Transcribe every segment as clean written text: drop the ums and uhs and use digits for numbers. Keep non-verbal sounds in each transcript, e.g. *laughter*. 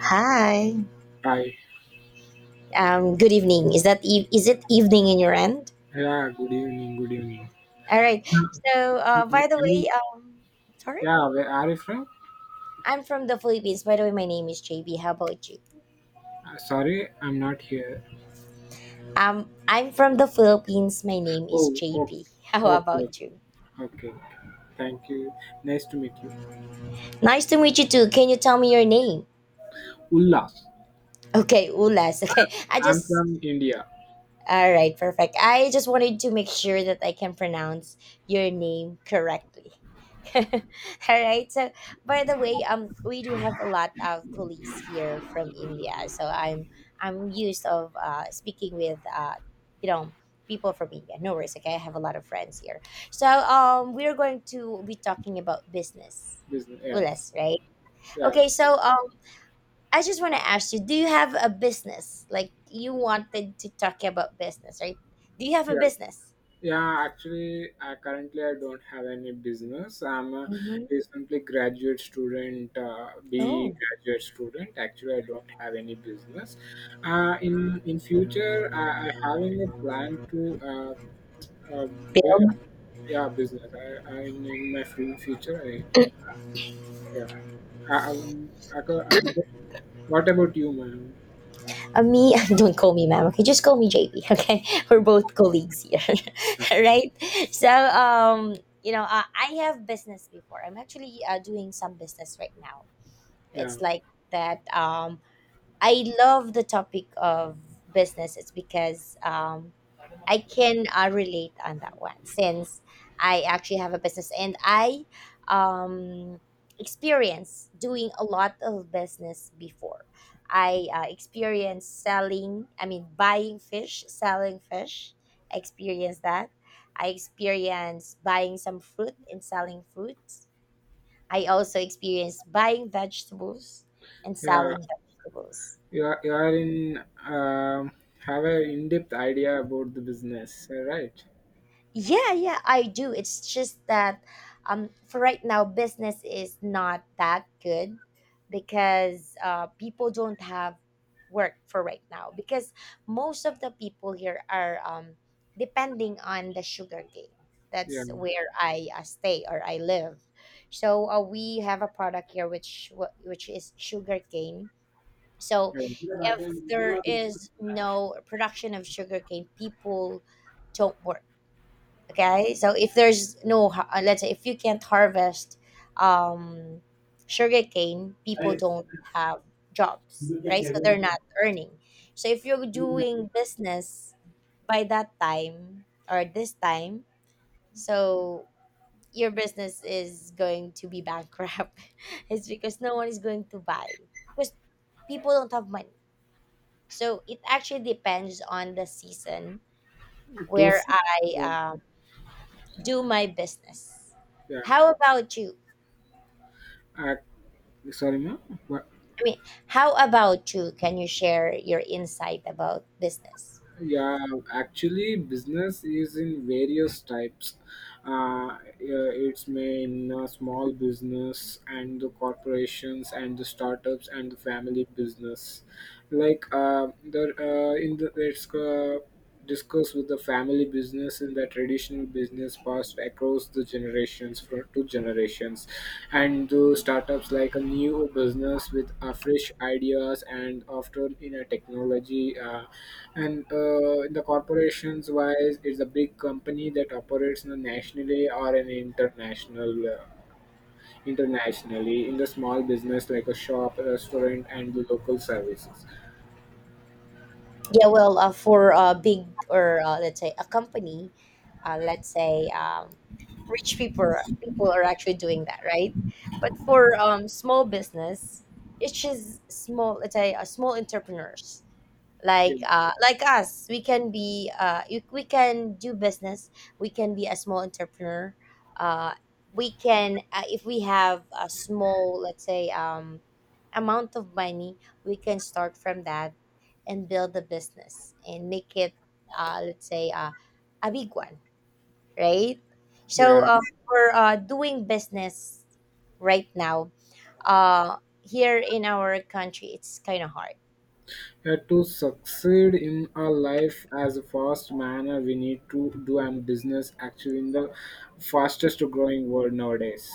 Hi. Hi. Good evening. Is that is it evening in your end? Yeah, good evening, good evening. All right. Uh, So, Are by the you- way, sorry, Yeah, where are you from? I'm from the Philippines. By the way, my name is JB. How about you? Sorry, I'm not here. I'm from the Philippines. My name is Oh, okay, JB. *laughs* okay, How okay. about you? Ok. Thank you. Nice to meet you. Nice to meet you too. Can you tell me your name? Ullas. Okay, Ulas. *laughs* Okay, I I'm just. from India. All right, perfect. I just wanted to make sure that I can pronounce your name correctly. *laughs* All right. So, by the way, we do have a lot of colleagues here from India, so I'm used of speaking with uh, you know people from India. No worries. Okay, I have a lot of friends here. So, we're going to be talking about business. Business, yes. Ulas, right? Yeah, Okay, so I just want to ask you: Do you have a business? Like you wanted to talk about business, right? Do you have a yeah. business? Yeah, actually, I currently I don't have any business. I'm a Mm-hmm. recently graduate student, B Oh, graduate student. Actually, I don't have any business. In future, I having a plan to uh, b- build. yeah business. I in my fu- future, I yeah. I, am I, co- what about you, ma'am? Me, *laughs* don't call me ma'am. Okay, just call me JB. Okay, *laughs* we're both colleagues here, *laughs* right? So, I have business before. I'm actually doing some business right now. Yeah, It's like that. I love the topic of business. It's because I can relate on that one since I actually have a business and I um, experience doing a lot of business before. I experienced selling, I mean, buying fish, selling fish. I experienced that. I experienced buying some fruit and selling fruits. I also experienced buying vegetables and yeah. selling vegetables. You are in um have a in-depth idea about the business right Yeah, yeah, I do. It's just that for right now, business is not that good because people don't have work for right now because most of the people here are depending on the sugar cane. yeah, That's where I stay or I live. So we have a product here which which is sugar cane. So yeah. if there is no production of sugar cane, people don't work. Okay, so if there's no let's say if you can't harvest um sugarcane, people don't have jobs, right? So they're not earning. So if you're doing business by that time or this time, so your business is going to be bankrupt. *laughs* It's because no one is going to buy, because people don't have money. So it actually depends on the season To where s- I yeah, do my business. yeah. How about you? Uh, sorry, ma'am. What? I mean, how about you? Can you share your insight about business? Yeah, actually, business is in various types. Yeah, it's main small business and the corporations and the startups and the family business. Like the in the it's Discussed with the family business in the traditional business passed across the generations from two generations, and the startups like a new business with fresh ideas and often in a technology and in the corporations wise, it's a big company that operates in a nationally or an international internationally, in the small business like a shop restaurant and the local services. Yeah, well, for a big or let's say a company, let's say rich people are actually doing that, right? But for small business, it's just small. Let's say small entrepreneurs. Like Yeah, like us, we can be we can do business, we can be a small entrepreneur. uh we can if we have a small, let's say amount of money, we can start from that and build a business and make it, let's say a big one, right? So yeah. For doing business right now, here in our country it's kind of hard. To succeed in our life as a fast manner, we need to do and business actually in the fastest growing world nowadays.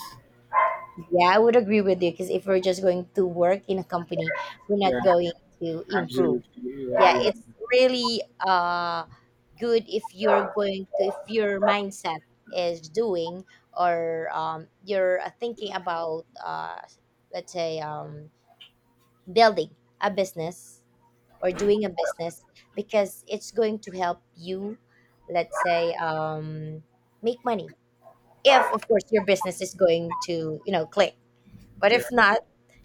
Yeah, I would agree with you because if we're just going to work in a company, we're not Yeah, going to improve. absolutely. Yeah, Yeah, yeah, it's really good if you're going to, if your mindset is doing or you're thinking about let's say building a business or doing a business, because it's going to help you, let's say make money, if of course your business is going to, you know, click. But yeah. if not,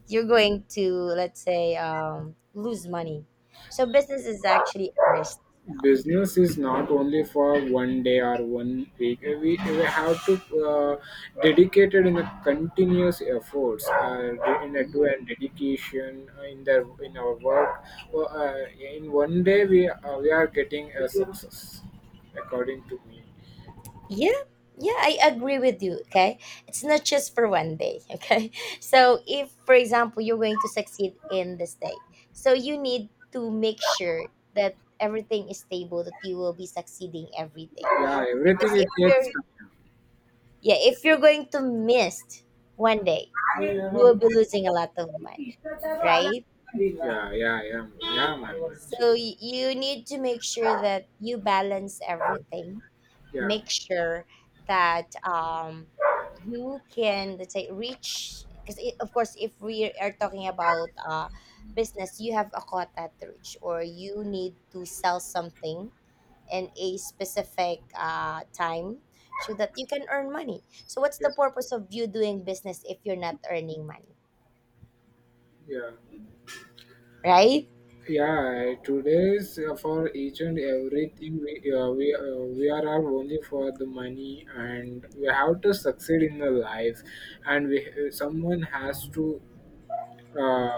you're going to, let's say, lose money. So business is actually a risk. Business is not only for one day or one week. We have to dedicated in a continuous efforts in a do Mhm. and dedication in our work. Well, in one day we are getting a success according to me. Yeah, yeah, I agree with you. Okay, it's not just for one day. Okay, *laughs* so if, for example, you're going to succeed in this day, so you need to make sure that everything is stable, that you will be succeeding every day. Yeah, everything Because it if takes yeah, if you're going to miss one day, you time, will be losing a lot of money, right? yeah, yeah, yeah, yeah man, So actually, you need to make sure that you balance everything. yeah, Make sure that you can, let's say, reach, because of course if we are talking about business, you have a quota to reach or you need to sell something in a specific time, so that you can earn money. So what's yeah, the purpose of you doing business if you're not earning money, yeah. right? Yeah, today's for each and everything we are all only for the money, and we have to succeed in the life, and we someone has to uh,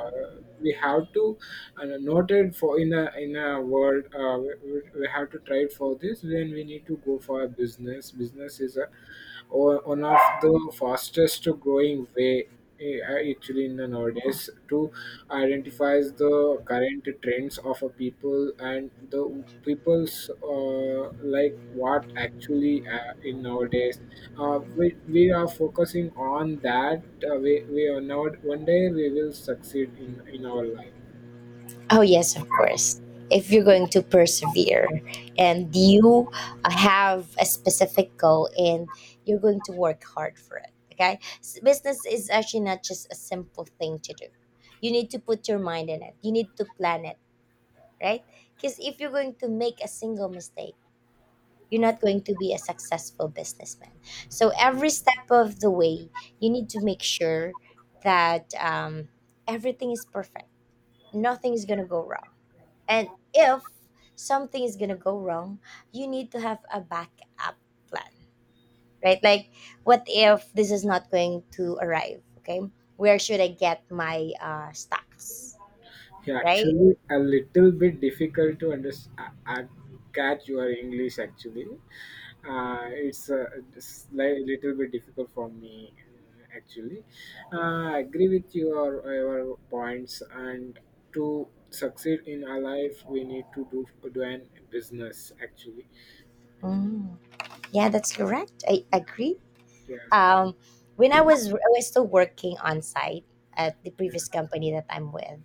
we have to note it for in a world we have to try it for this, then we need to go for a business. Business is a or one of the fastest growing way, eh, actually in the nowadays, to identify the current trends of a people and the people's like what actually in nowadays we are focusing on that. We are now one day we will succeed in our life. Oh, yes, of course. If you're going to persevere and you have a specific goal and you're going to work hard for it, okay? Business is actually not just a simple thing to do. You need to put your mind in it, you need to plan it, right? Because if you're going to make a single mistake, you're not going to be a successful businessman. So, every step of the way, you need to make sure that everything is perfect, nothing is going to go wrong, and if something is gonna go wrong, you need to have a backup plan, right? Like, what if this is not going to arrive? Okay, where should I get my stocks, Yeah, right? actually, a little bit difficult to understand. I catch your English actually. It's a it's li- little bit difficult for me actually. I agree with your points. And to succeed in our life, we need to do an business actually. Mm. Yeah, that's correct. I agree. Yeah, Um, when I was still working on site at the previous company that I'm with,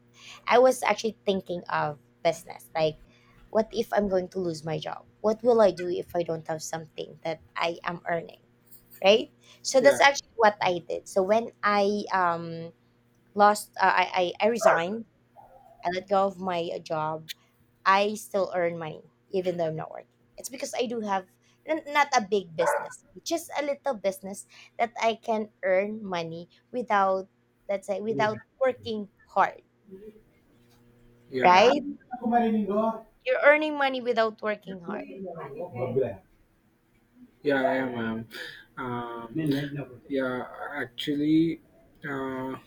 I was actually thinking of business. Like, what if I'm going to lose my job? What will I do if I don't have something that I am earning, right? So yeah, that's actually what I did. So when I lost, I resigned. I let go of my job. I still earn money even though I'm not working. It's because I do have, not a big business, just a little business, that I can earn money without, let's say, without working hard, yeah. right? Yeah. You're earning money without working hard, Yeah. I am. Um, yeah, actually, uh,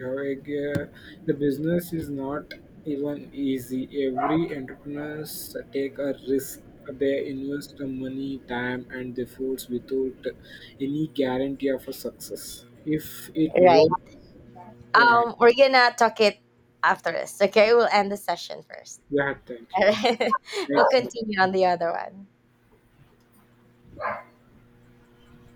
like, uh, the business is not even easy. Every entrepreneurs take a risk. They invest the money, time, and the efforts without any guarantee of a success. If it right? works, yeah, We're gonna talk it after this. Okay, we'll end the session first. yeah, thank you. *laughs* We'll Makes sense. continue on the other one.